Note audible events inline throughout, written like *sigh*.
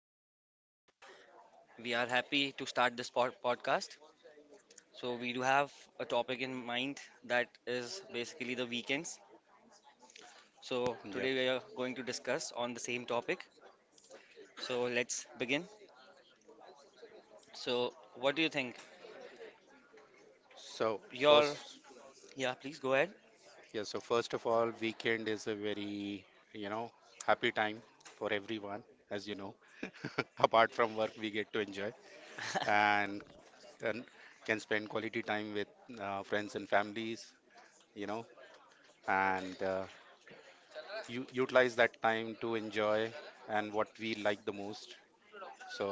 host, and we are happy to start this podcast. So, we do have a topic in mind that is basically the weekends. So, Yep. today we are going to discuss on the same topic. So, let's begin. So, what do you think? So Your, first, yeah, please go ahead. yeah, so first of all, weekend is a very, you know, happy time for everyone, as you know. *laughs* Apart from work, we get to enjoy *laughs* and, and can spend quality time with friends and families, you know, and u utilize that time to enjoy and what we like the most. So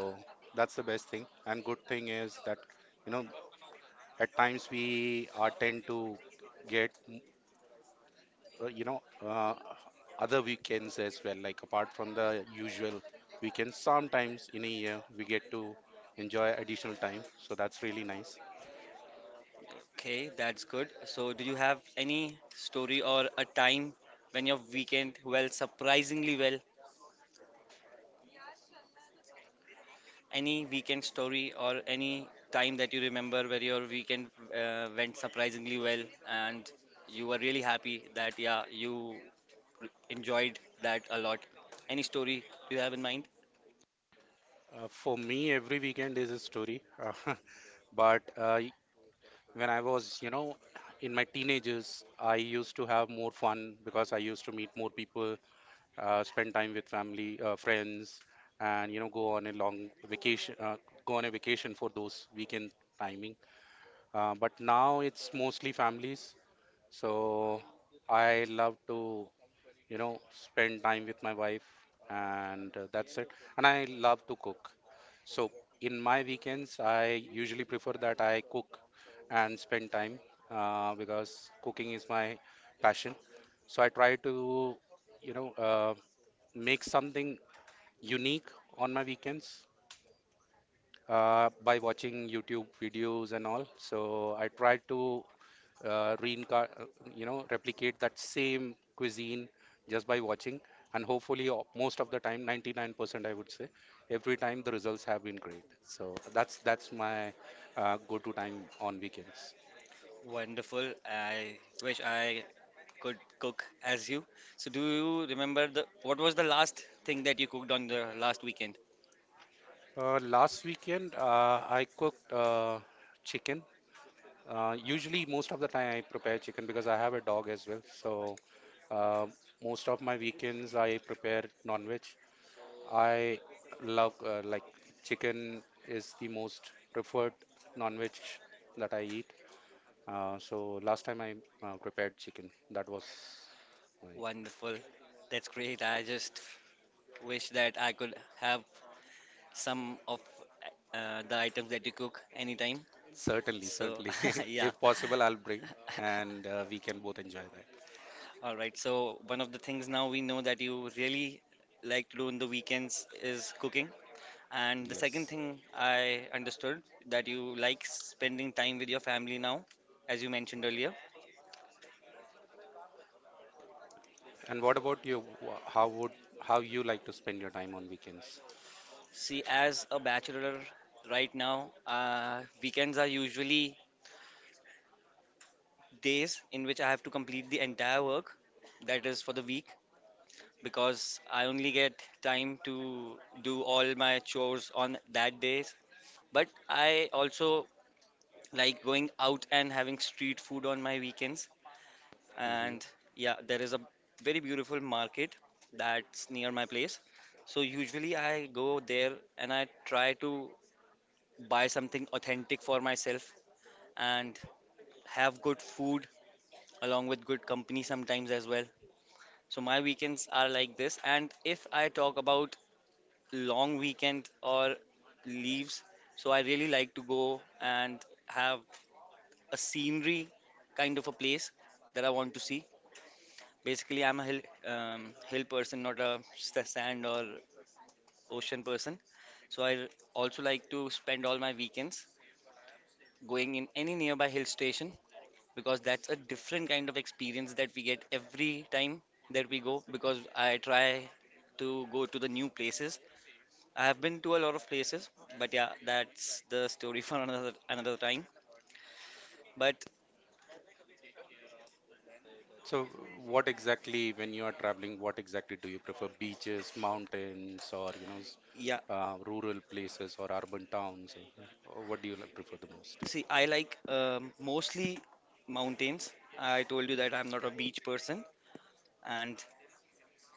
that's the best thing. And good thing is that, you know, at times we are tend to get uh, you know, uh, other weekends as well. Like apart from the usual weekends, sometimes in a year we get to enjoy additional time. So that's really nice. Okay, that's good. So, do you have any story or a time when your weekend went surprisingly well? Any weekend story or any time that you remember where your weekend went surprisingly well and you were really happy that, yeah, you enjoyed that a lot? Any story you have in mind? For me, every weekend is a story. *laughs* Uh, but when I was, in my teenagers, I used to have more fun because I used to meet more people, spend time with family, friends, and go on a long vacation, go on a vacation for those weekend timing. But now it's mostly families. So I love to, spend time with my wife, and that's it. And I love to cook. So in my weekends, I usually prefer that I cook and spend time because cooking is my passion. So I try to, you know, uh, make something unique on my weekends by watching YouTube videos and all. So I try to uh, reincar- uh, replicate that same cuisine just by watching. And hopefully, most of the time, 99%, I would say, every time the results have been great. So that's my go-to time on weekends. Wonderful. I wish I could cook as you. So, do you remember the what was the last thing that you cooked on the last weekend? Last weekend, I cooked chicken. Usually, most of the time, I prepare chicken because I have a dog as well. So, uh, most of my weekends, I prepare non-veg. I love Like chicken is the most preferred non-veg that I eat. So last time I prepared chicken. That was my Wonderful. That's great. I just wish that I could have some of the items that you cook anytime. Certainly, So, certainly. *laughs* *laughs* yeah. If possible, I'll bring and we can both enjoy that. All right. So, one of the things now we know that you really like to do in the weekends is cooking. And the second Yes. thing I understood that you like spending time with your family now, as you mentioned earlier. And what about you? How you like to spend your time on weekends? See, as a bachelor right now, weekends are usually days in which I have to complete the entire work that is for the week because I only get time to do all my chores on that day. But I also like going out and having street food on my weekends. Mm-hmm. And yeah, there is a very beautiful market that's near my place. So usually I go there and I try to buy something authentic for myself and have good food along with good company sometimes as well. So my weekends are like this. And if I talk about long weekend or leaves, so I really like to go and have a scenery kind of a place that I want to see. Basically, I'm a hill person, not a sand or ocean person. So I also like to spend all my weekends going in any nearby hill station because that's a different kind of experience that we get every time that we go because I try to go to the new places. I have been to a lot of places, but yeah, that's the story *laughs* for another time. But So, what exactly, when you are traveling, what exactly do you prefer? Beaches, mountains, or yeah, rural places or urban towns? Or what do you prefer the most? see, I like mostly mountains. I told you that I'm not a beach person, and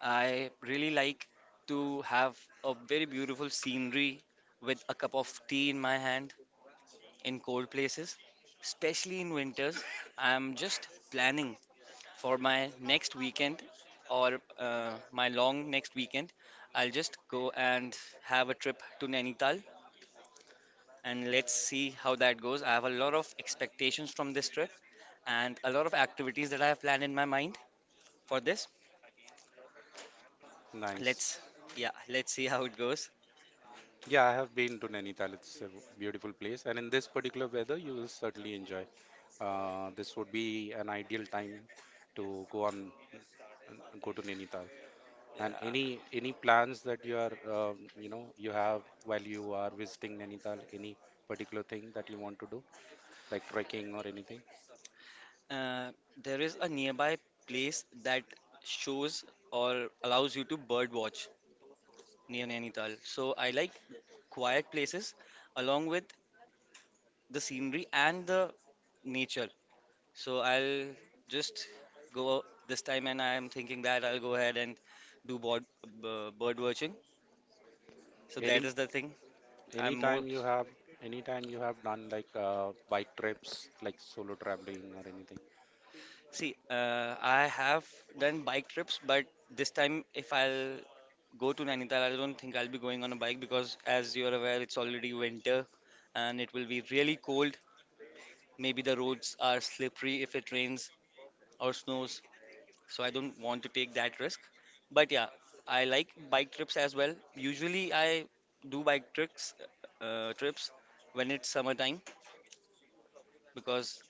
I really like to have a very beautiful scenery with a cup of tea in my hand in cold places, especially in winters. I'm just planning for my next weekend or my long next weekend. I'll just go and have a trip to Nainital and let's see how that goes. I have a lot of expectations from this trip and a lot of activities that I have planned in my mind for this. Nice. Let's, yeah, let's see how it goes. Yeah, I have been to Nainital. It's a beautiful place, and in this particular weather, you will certainly enjoy. This would be an ideal time to go to Nainital. And Yeah. any plans that you have while you are visiting Nainital, any particular thing that you want to do? Like trekking or anything? Uh, there is a nearby place that shows or allows you to bird watch near Nainital. So I like quiet places along with the scenery and the nature. So I'll just go this time, and I'm thinking that I'll go ahead and do bird watching. So that Any is the thing. I'm anytime more you have anytime you have done like bike trips, like solo traveling or anything? see. I have done bike trips, but this time, if I'll go to Nainital, I don't think I'll be going on a bike because, as you're aware, it's already winter, and it will be really cold. Maybe the roads are slippery if it rains or snows. So I don't want to take that risk. But yeah, I like bike trips as well. Usually, I do trips when it's summertime because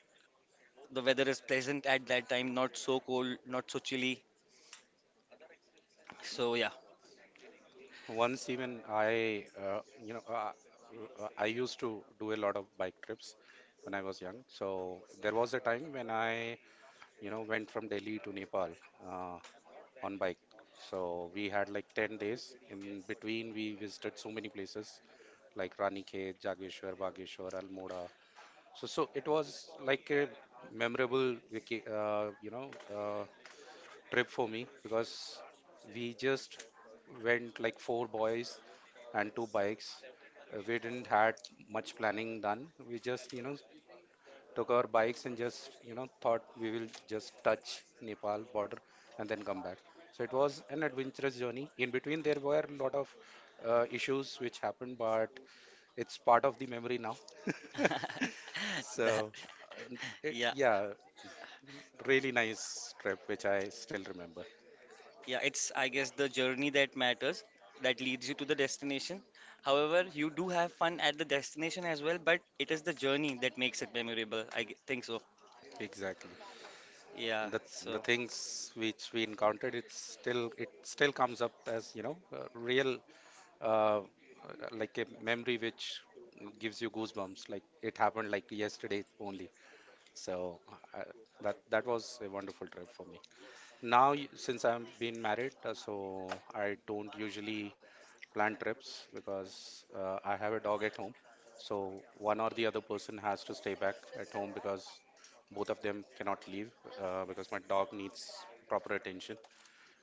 the weather is pleasant at that time, not so cold, not so chilly. So yeah, Once even I used to do a lot of bike trips when I was young. So there was a time when I, went from Delhi to Nepal uh, on bike. So we had like 10 days. In between, we visited so many places like Ranikhet, Jageshwar, Bageshwar, Almora. So it was like a memorable trip for me because we just went like four boys and two bikes. We didn't had much planning done. We just, took our bikes and just, thought we will just touch Nepal border and then come back. So it was an adventurous journey. In between, there were a lot of issues which happened, but it's part of the memory now. *laughs* *laughs* that So, uh, yeah yeah, really nice trip, which I still remember. yeah, it's I guess the journey that matters that leads you to the destination. However, you do have fun at the destination as well, but it is the journey that makes it memorable. I think so. Exactly. Yeah, The the so. things which we encountered, it still comes up as, a real uh, like a memory which gives you goosebumps. Like it happened like yesterday only. So uh, that was a wonderful trip for me. Now, since I am been married, so I don't usually plan trips because I have a dog at home. So one or the other person has to stay back at home because both of them cannot leave because my dog needs proper attention.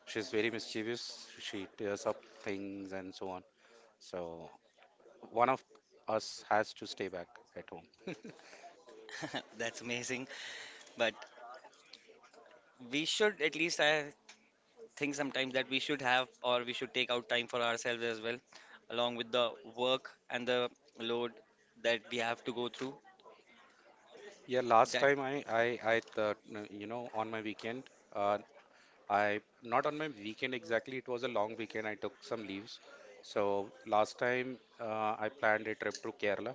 She's very mischievous. She tears up things and so on. So one of us has to stay back at home. *laughs* *laughs* That's amazing. But we should at least I think sometimes that we should have or we should take out time for ourselves as well, along with the work and the load that we have to go through. Yeah, last That time I th- you know on my weekend, uh, I not on my weekend exactly. It was a long weekend. I took some leaves. So last time I planned a trip to Kerala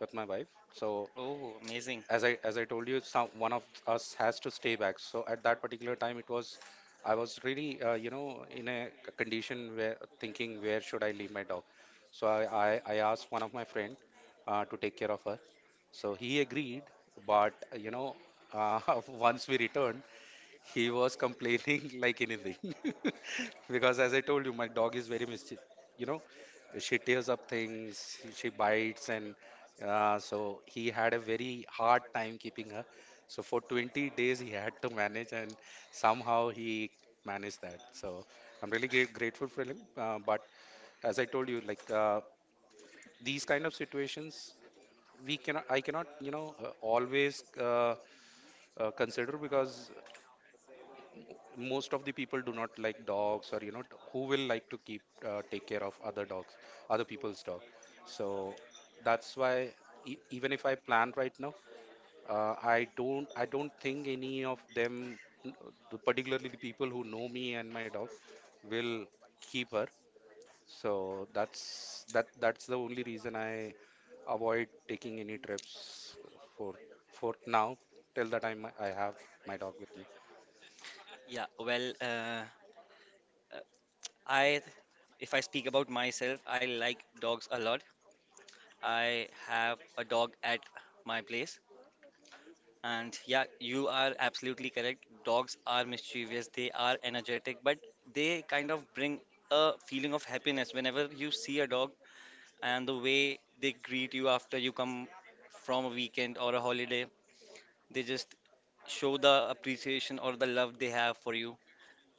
with my wife. So oh amazing. as I told you, some one of us has to stay back. So at that particular time, it was I was really in a condition where thinking where should I leave my dog. So I asked one of my friend to take care of her. So he agreed, but you know *laughs* uh, once we returned. He was complaining *laughs* like anything. *laughs* Because as I told you, my dog is very mischief. You know, she tears up things, she bites, and so he had a very hard time keeping her. So for 20 days, he had to manage, and somehow he managed that. So I'm really grateful for him. But as I told you, like these kind of situations, we cannot, I cannot, always consider because most of the people do not like dogs or who will like to keep take care of other people's dog. So that's why even if I plan right now, I don't think any of them n- particularly the people who know me and my dog will keep her. So that's the only reason I avoid taking any trips for now till that time I have my dog with me. Yeah, well, uh, I if I speak about myself, I like dogs a lot. I have a dog at my place. And yeah, you are absolutely correct. Dogs are mischievous, they are energetic, but they kind of bring a feeling of happiness whenever you see a dog and the way they greet you after you come from a weekend or a holiday. They just show the appreciation or the love they have for you.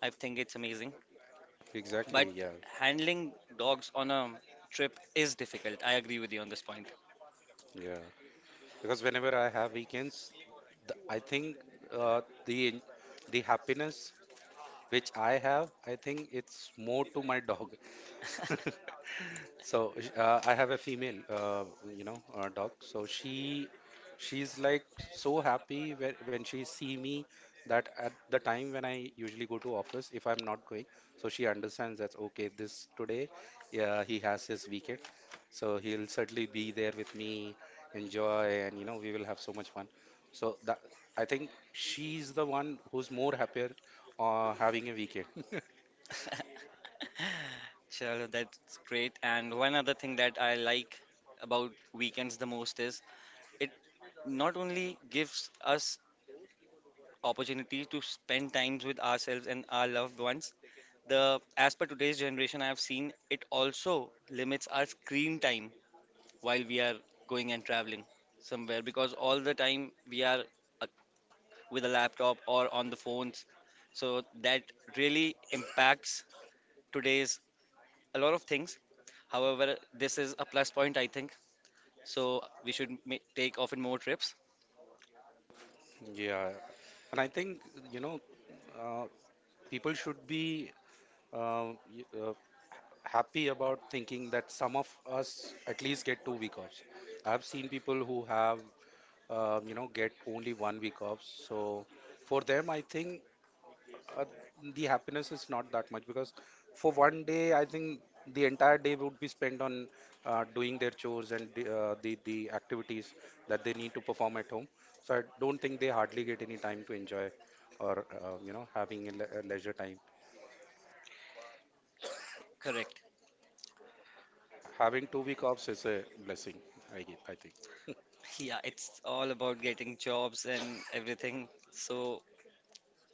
I think it's amazing. But Exactly. Yeah, handling dogs on a trip is difficult. I agree with you on this point. yeah, because whenever I have weekends, I think uh, the the happiness which I have, I think it's more to my dog. *laughs* *laughs* So I have a female, dog. So she's like so happy when she see me that at the time when I usually go to office, if I'm not going, so she understands that okay, this today, yeah, he has his weekend, so he'll certainly be there with me, enjoy, and we will have so much fun. So that I think she's the one who's more happier having a weekend. *laughs* Chalo, that's great. And one other thing that I like about weekends the most is it not only gives us opportunity to spend times with ourselves and our loved ones, the as per today's generation I have seen, it also limits our screen time while we are going and traveling somewhere because all the time we are uh, with a laptop or on the phones. So that really impacts today's a lot of things. However, this is a plus point, I think. So we should take often more trips. Yeah, and I think you know, uh, people should be uh, y- uh, happy about thinking that some of us at least get two-week offs. I have seen people who have get only one week off. So for them, I think uh, the happiness is not that much because for one day, I think the entire day would be spent on doing their chores and the, the activities that they need to perform at home. So I don't think they hardly get any time to enjoy or having a leisure time. Correct. Having two-week offs is a blessing, I get, I think. Yeah, it's all about getting jobs and everything. So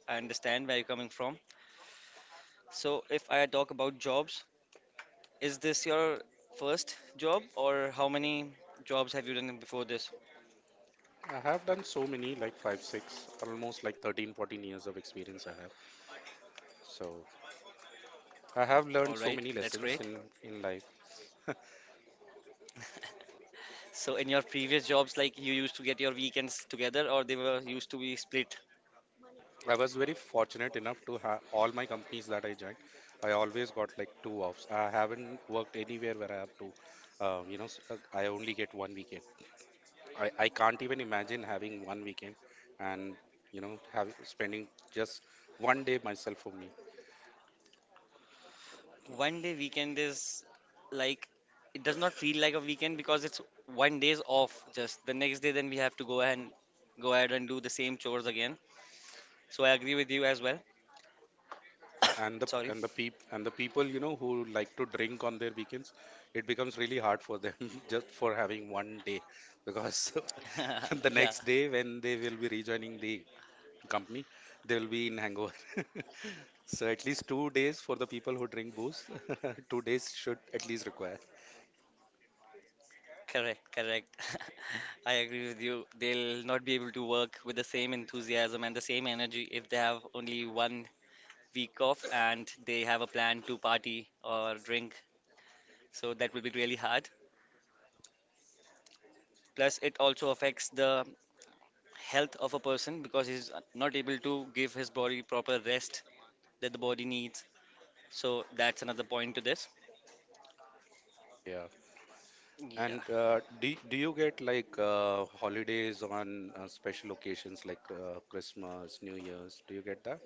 I understand where you're coming from. So if I talk about jobs, is this your first job or how many jobs have you done before this? I have done so many, like five, six, almost like 13-14 years of experience I have. So All right, that's I have great. learned so many lessons in life. *laughs* So in your previous jobs, like you used to get your weekends together or they were used to be split? I was very fortunate enough to have all my companies that I joined. I always got like two offs. I haven't worked anywhere where I have two. I only get one weekend. I can't even imagine having one weekend and having spending just one day myself for me. One day weekend is like it does not feel like a weekend because it's one day's off just the next day then we have to go and go ahead and do the same chores again. So I agree with you as well. And the Sorry. *laughs* and the peop and the people who like to drink on their weekends, it becomes really hard for them *laughs* just for having one day because *laughs* the Yeah, next day when they will be rejoining the company, they will be in hangover. *laughs* So at least 2 days for the people who drink booze, *laughs* 2 days should at least require. correct, correct. *laughs* I agree with you. They'll not be able to work with the same enthusiasm and the same energy if they have only one week off and they have a plan to party or drink. So that will be really hard. Plus, it also affects the health of a person because he's not able to give his body proper rest that the body needs. So that's another point to this. Yeah. Yeah. And do you get like holidays on special occasions like Christmas, New Year's? Do you get that?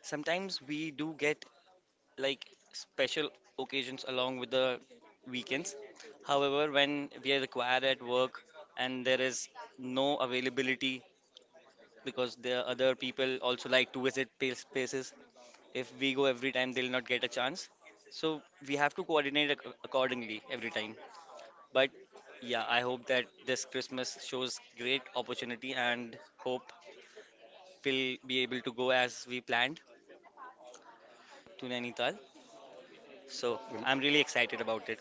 Sometimes we do get like special occasions along with the weekends. However, when we are required at work and there is no availability because there are other people also like to visit places, if we go every time, they'll not get a chance. So we have to coordinate accordingly every time. But yeah, I hope that this Christmas shows great opportunity and hope we'll be able to go as we planned to Nainital. So Well. I'm really excited about it.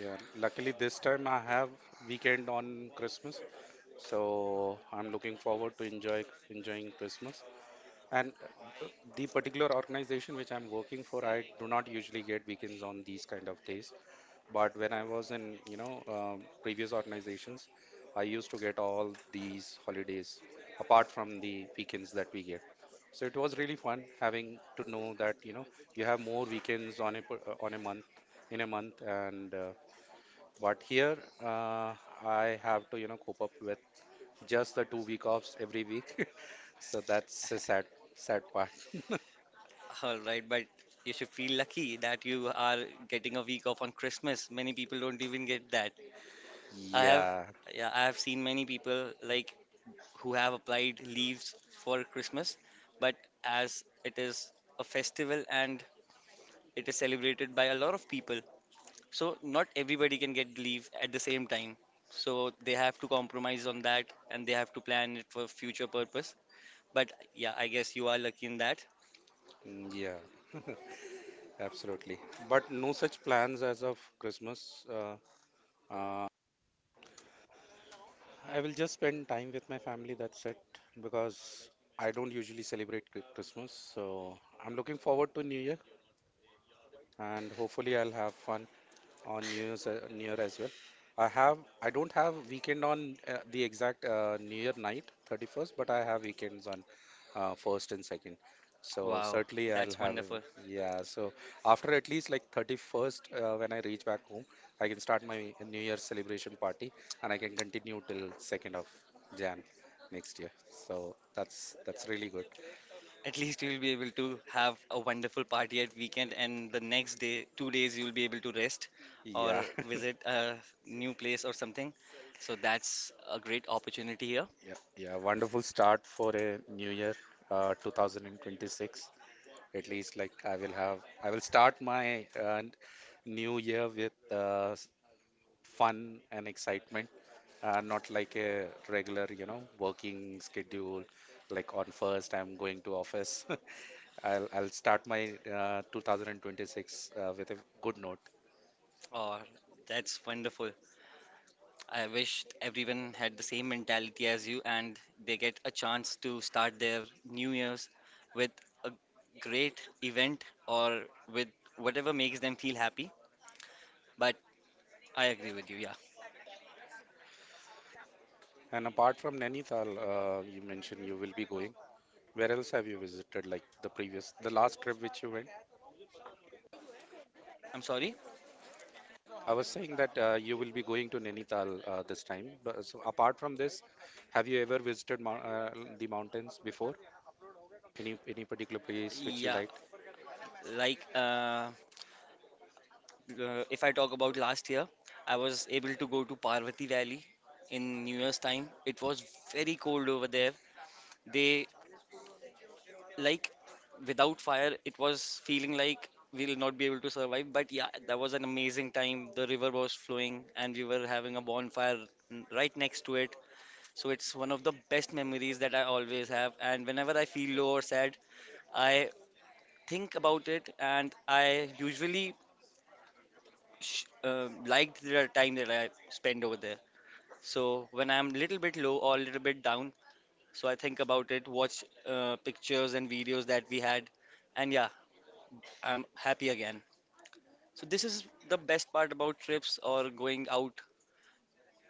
Yeah. Luckily this time I have weekend on Christmas, so I'm looking forward to enjoying Christmas. And the particular organization which I'm working for, I do not usually get weekends on these kind of days. But when I was in, previous organizations, I used to get all these holidays apart from the weekends that we get. So it was really fun having to know that, you have more weekends on a on a month in a month. And but here, uh, I have to, cope up with just the two-week offs every week. *laughs* So that's a sad, sad part. *laughs* All right, but you should feel lucky that you are getting a week off on Christmas. Many people don't even get that. I have, Yeah, yeah, I have seen many people like who have applied leaves for Christmas, but as it is a festival and it is celebrated by a lot of people, so not everybody can get leave at the same time. So they have to compromise on that and they have to plan it for future purpose. But yeah, I guess you are lucky in that. mm, yeah, *laughs* absolutely. But no such plans as of Christmas. Uh, I will just spend time with my family, that's it, because I don't usually celebrate Christmas. So I'm looking forward to New Year and hopefully I'll have fun on New Year as well. I don't have weekend on the exact New Year night, 31st, but I have weekends on first and second. So Wow, certainly I'll that's have. wonderful. Yeah. So after at least like 31st, when I reach back home, I can start my New Year celebration party, and I can continue till 2nd of Jan next year. So that's really good. At least you'll be able to have a wonderful party at weekend and the next day, two days you'll be able to rest Yeah. or *laughs* visit a new place or something. So that's a great opportunity here. Yeah, yeah, wonderful start for a new year, 2026. At least like I will start my new year with fun and excitement. Not like a regular, working schedule. Like on first, I'm going to office. *laughs* I'll start my 2026 with a good note. Or that's wonderful. I wish everyone had the same mentality as you and they get a chance to start their New Year's with a great event or with whatever makes them feel happy. But I agree with you, yeah. And apart from Nainital, you mentioned you will be going. Where else have you visited? Like the last trip which you went? I'm sorry. I was saying that you will be going to Nainital this time. But, so apart from this, have you ever visited the mountains before? Any particular place which you Yeah, liked? like if I talk about last year, I was able to go to Parvati Valley in New Year's time. It was very cold over there. They like without fire it was feeling like we'll not be able to survive, but yeah, that was an amazing time, the river was flowing and we were having a bonfire right next to it. So it's one of the best memories that I always have, and whenever I feel low or sad, I think about it and I usually liked the time that I spend over there. So when I'm a little bit low or a little bit down, so I think about it, watch pictures and videos that we had, and yeah, I'm happy again. So this is the best part about trips or going out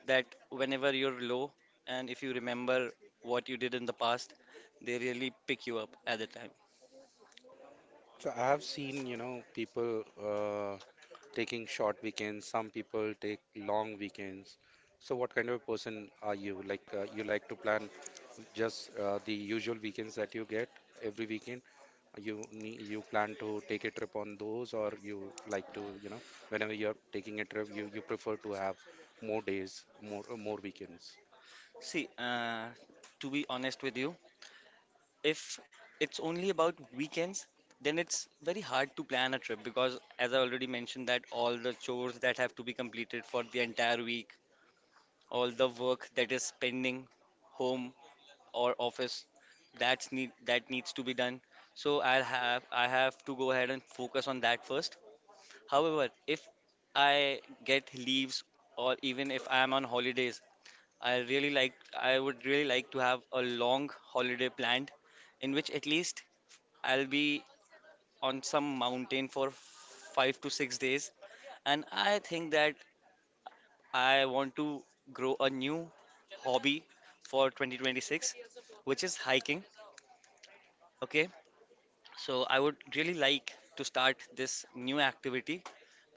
that whenever you're low and if you remember what you did in the past, they really pick you up at the time. So I have seen, people taking short weekends. Some people take long weekends. So what kind of a person are you? Like you like to plan just the usual weekends that you get every weekend. You plan to take a trip on those, or you like to, whenever you're taking a trip, you prefer to have more days, more weekends. See, to be honest with you, if it's only about weekends, then it's very hard to plan a trip because as I already mentioned that all the chores that have to be completed for the entire week, all the work that is pending home or office that needs to be done. So I have to go ahead and focus on that first. However, if I get leaves or even if I am on holidays, I really like I would really like to have a long holiday planned in which at least I'll be on some mountain for 5 to 6 days. And I think that I want to grow a new hobby for 2026, which is hiking. Okay, so I would really like to start this new activity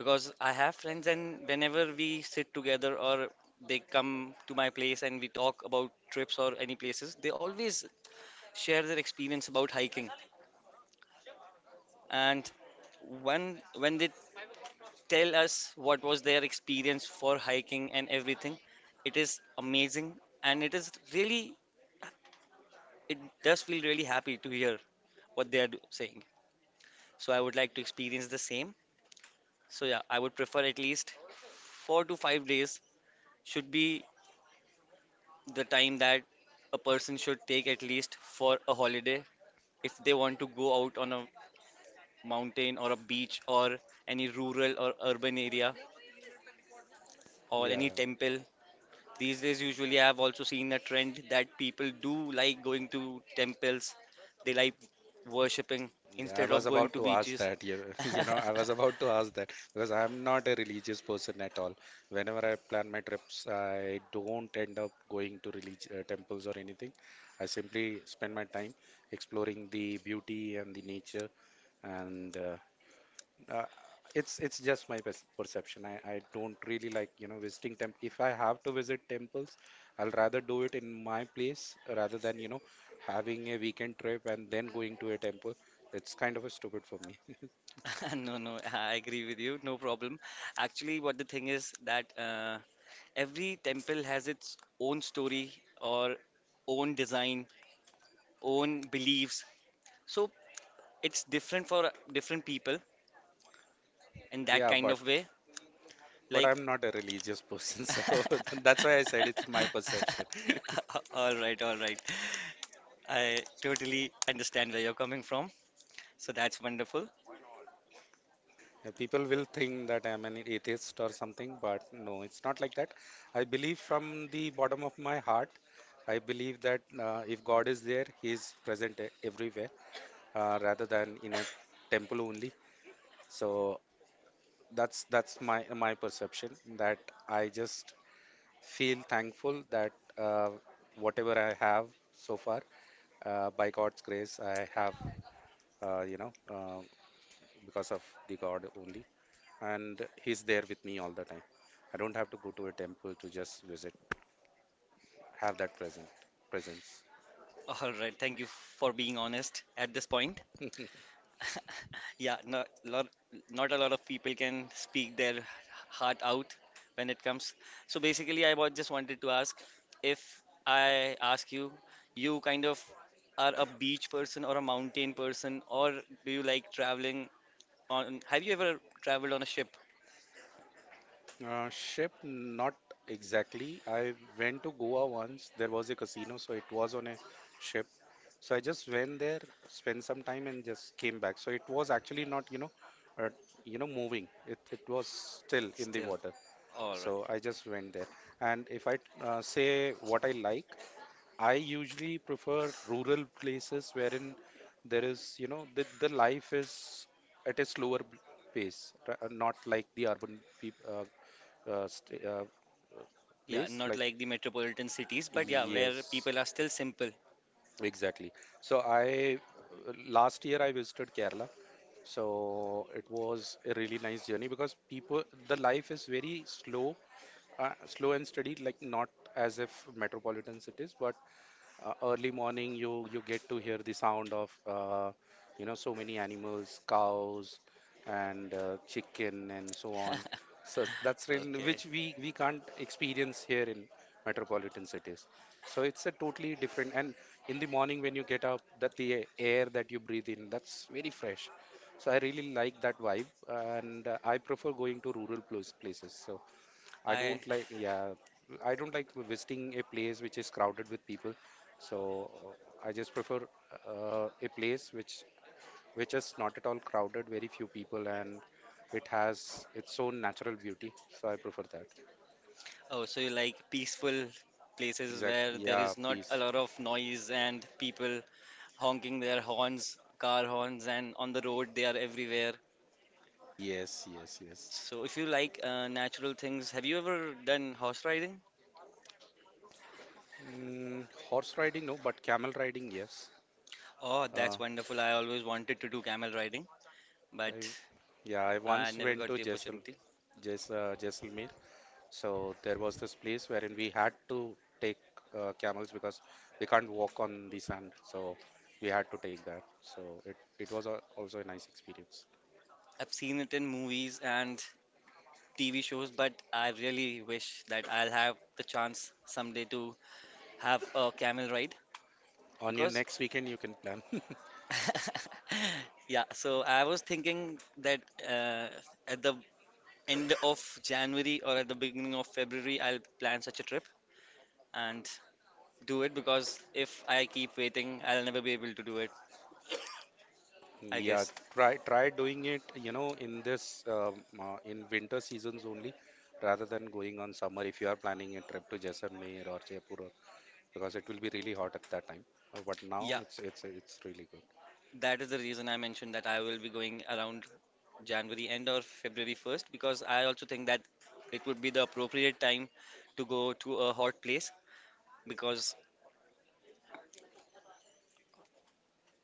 because I have friends and whenever we sit together or they come to my place and we talk about trips or any places, they always share their experience about hiking. And when they tell us what was their experience for hiking and everything, it is amazing and it is really it does feel really happy to hear what they are saying. So I would like to experience the same. So yeah, I would prefer at least 4 to 5 days should be the time that a person should take at least for a holiday if they want to go out on a mountain or a beach or any rural or urban area or Yeah. any temple. These days usually I have also seen a trend that people do like going to temples. They like worshipping Yeah, I instead was of going about to to ask beaches. that. You, *laughs* *laughs* I was about to ask that because I'm not a religious person at all. Whenever I plan my trips, I don't end up going to relig temples or anything. I simply spend my time exploring the beauty and the nature, and uh, it's just my perception. I don't really like, visiting temp. If I have to visit temples, I'll rather do it in my place rather than, having a weekend trip and then going to a temple. It's kind of a stupid for me. *laughs* No, no, I agree with you, no problem. Actually, what the thing is that every temple has its own story or own design, own beliefs. So it's different for different people in that Yeah, kind but of way. Like, I'm not a religious person, *laughs* so that's why I said it's my perception. *laughs* *laughs* all right, all right. I totally understand where you're coming from. So that's wonderful. Yeah, people will think that I'm an atheist or something, but no, it's not like that. I believe from the bottom of my heart, I believe that if God is there, He is present everywhere, rather than in a temple only. So that's my perception that I just feel thankful that uh, whatever I have so far, by God's grace, I have, uh, you know, uh, because of the God only. And he's there with me all the time. I don't have to go to a temple to just visit, have that present presence. All right. Thank you for being honest at this point. *laughs* Yeah, no, not a lot of people can speak their heart out when it comes. So basically, I just wanted to ask if I ask you, you kind of are a beach person or a mountain person, or do you like traveling on? Have you ever traveled on a ship Ship, not exactly. I went to Goa once. There was a casino, so it was on a ship. So I just went there, spent some time, and just came back. So it was actually not, uh, moving. It was still in the still? water. All right. So I just went there. And if I say what I like, I usually prefer rural places wherein there is, the life is at a pace, not like the urban peop st Yeah, place. not Like, like the metropolitan cities, but yeah, where yes, people are still simple. exactly. So last year I visited Kerala. So it was a really nice journey because people, the life is very slow, slow and steady, like not as if metropolitan cities, but early morning you get to hear the sound of uh, so many animals, cows, and chicken and so on. *laughs* So that's really, Okay. which we can't experience here in metropolitan cities. So it's a totally different. And in the morning when you get up, that the air that you breathe in, that's very fresh. So I really like that vibe, and I prefer going to rural places. So I I don't like, yeah, I don't like visiting a place which is crowded with people. So I just prefer a place which is not at all crowded, very few people, and it has its own natural beauty. So I prefer that. Oh, so you like peaceful places Exact. where there Yeah, is not a peace. lot of noise and people honking their horns, car horns, and on the road they are everywhere. Yes, yes, yes. So if you like natural things, have you ever done horse riding? Mm, horse riding, no, but camel riding, yes. Oh, Uh, that's wonderful. I always wanted to do camel riding, but I, yeah, I I once never went to got the opportunity. Jaisalmer. So there was this place wherein we had to take camels because we can't walk on the sand. So we had to take that. So it was also a nice experience. I've seen it in movies and TV shows, but I really wish that I'll have the chance someday to have a camel ride On your because next weekend, you can plan. *laughs* *laughs* yeah, so I was thinking that uh, at the end of January or at the beginning of February, I'll plan such a trip and do it because if I keep waiting, I'll never be able to do it, I Yeah, guess. try doing it, in this in winter seasons only, rather than going on summer if you are planning a trip to Jaisalmer or Jaipur, because it will be really hot at that time. But now Yeah, it's it's really good. that is the reason I mentioned that I will be going around January end or February 1st because I also think that it would be the appropriate time to go to a hot place because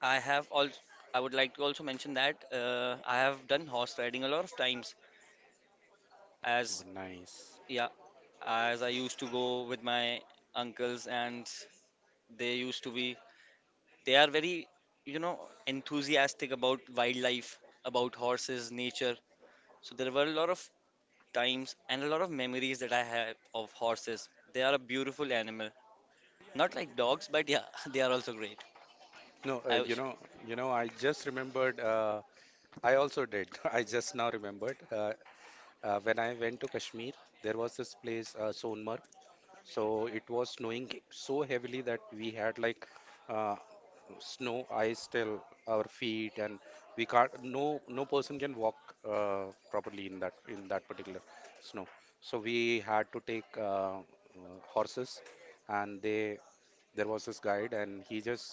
I have all I would like to also mention that I have done horse riding a lot of times as Oh, nice. yeah, as I used to go with my uncles and they used to be they are very, you know, enthusiastic about wildlife, about horses, nature. So there were a lot of times and a lot of memories that I have of horses. They are a beautiful animal, not like dogs, but yeah, *laughs* they are also great. No, I wish I just remembered. I also did. *laughs* I just now remembered. When I went to Kashmir, there was this place, Sonmarg. So it was snowing so heavily that we had like uh, snow, ice till our feet, and we can't. No, no person can walk uh, properly in that particular snow. So we had to take horses, and they there was this guide, and he just,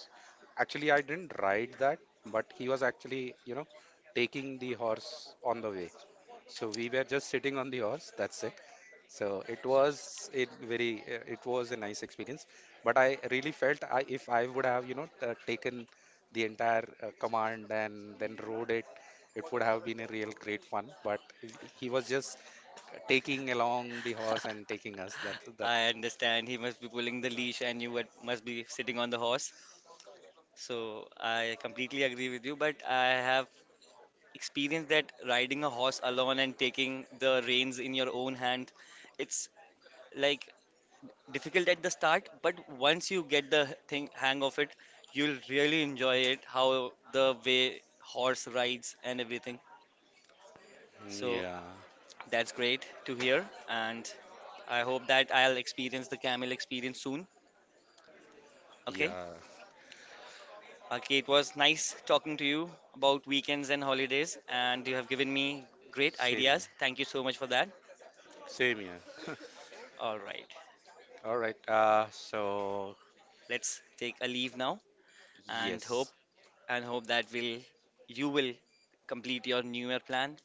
actually, I didn't ride that, but he was actually, taking the horse on the way. So we were just sitting on the horse, that's it. So it was a it was a nice experience. But I really felt I if I would have, taken the entire command and then rode it, it would have been a real great fun. But he was just taking along the horse and *laughs* taking us, that's that. I understand he must be pulling the leash and you must be sitting on the horse. So I completely agree with you, but I have experience that riding a horse alone and taking the reins in your own hand, it's like difficult at the start, but once you get the thing hang of it, you'll really enjoy it how the way horse rides and everything. So Yeah, that's great to hear, and I hope that I'll experience the camel experience soon. Okay, yeah, okay. It was nice talking to you about weekends and holidays, and you have given me great same ideas. Thank you so much for that. Same here. *laughs* All right. All right. So Let's take a leave now and yes, hope that will you will complete your New Year plan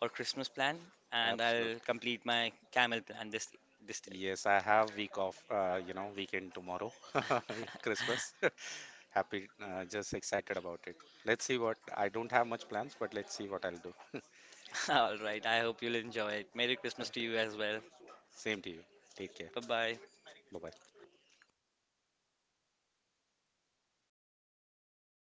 or Christmas plan, and I'll absolutely. complete my camel plan this day. Yes, I have week off. Weekend tomorrow, *laughs* Christmas. *laughs* *laughs* Happy. Just excited about it. Let's see what. I don't have much plans, but let's see what I'll do. *laughs* All right. I hope you'll enjoy it. Merry Christmas to you as well. Same to you. Take care. Bye bye. Bye bye.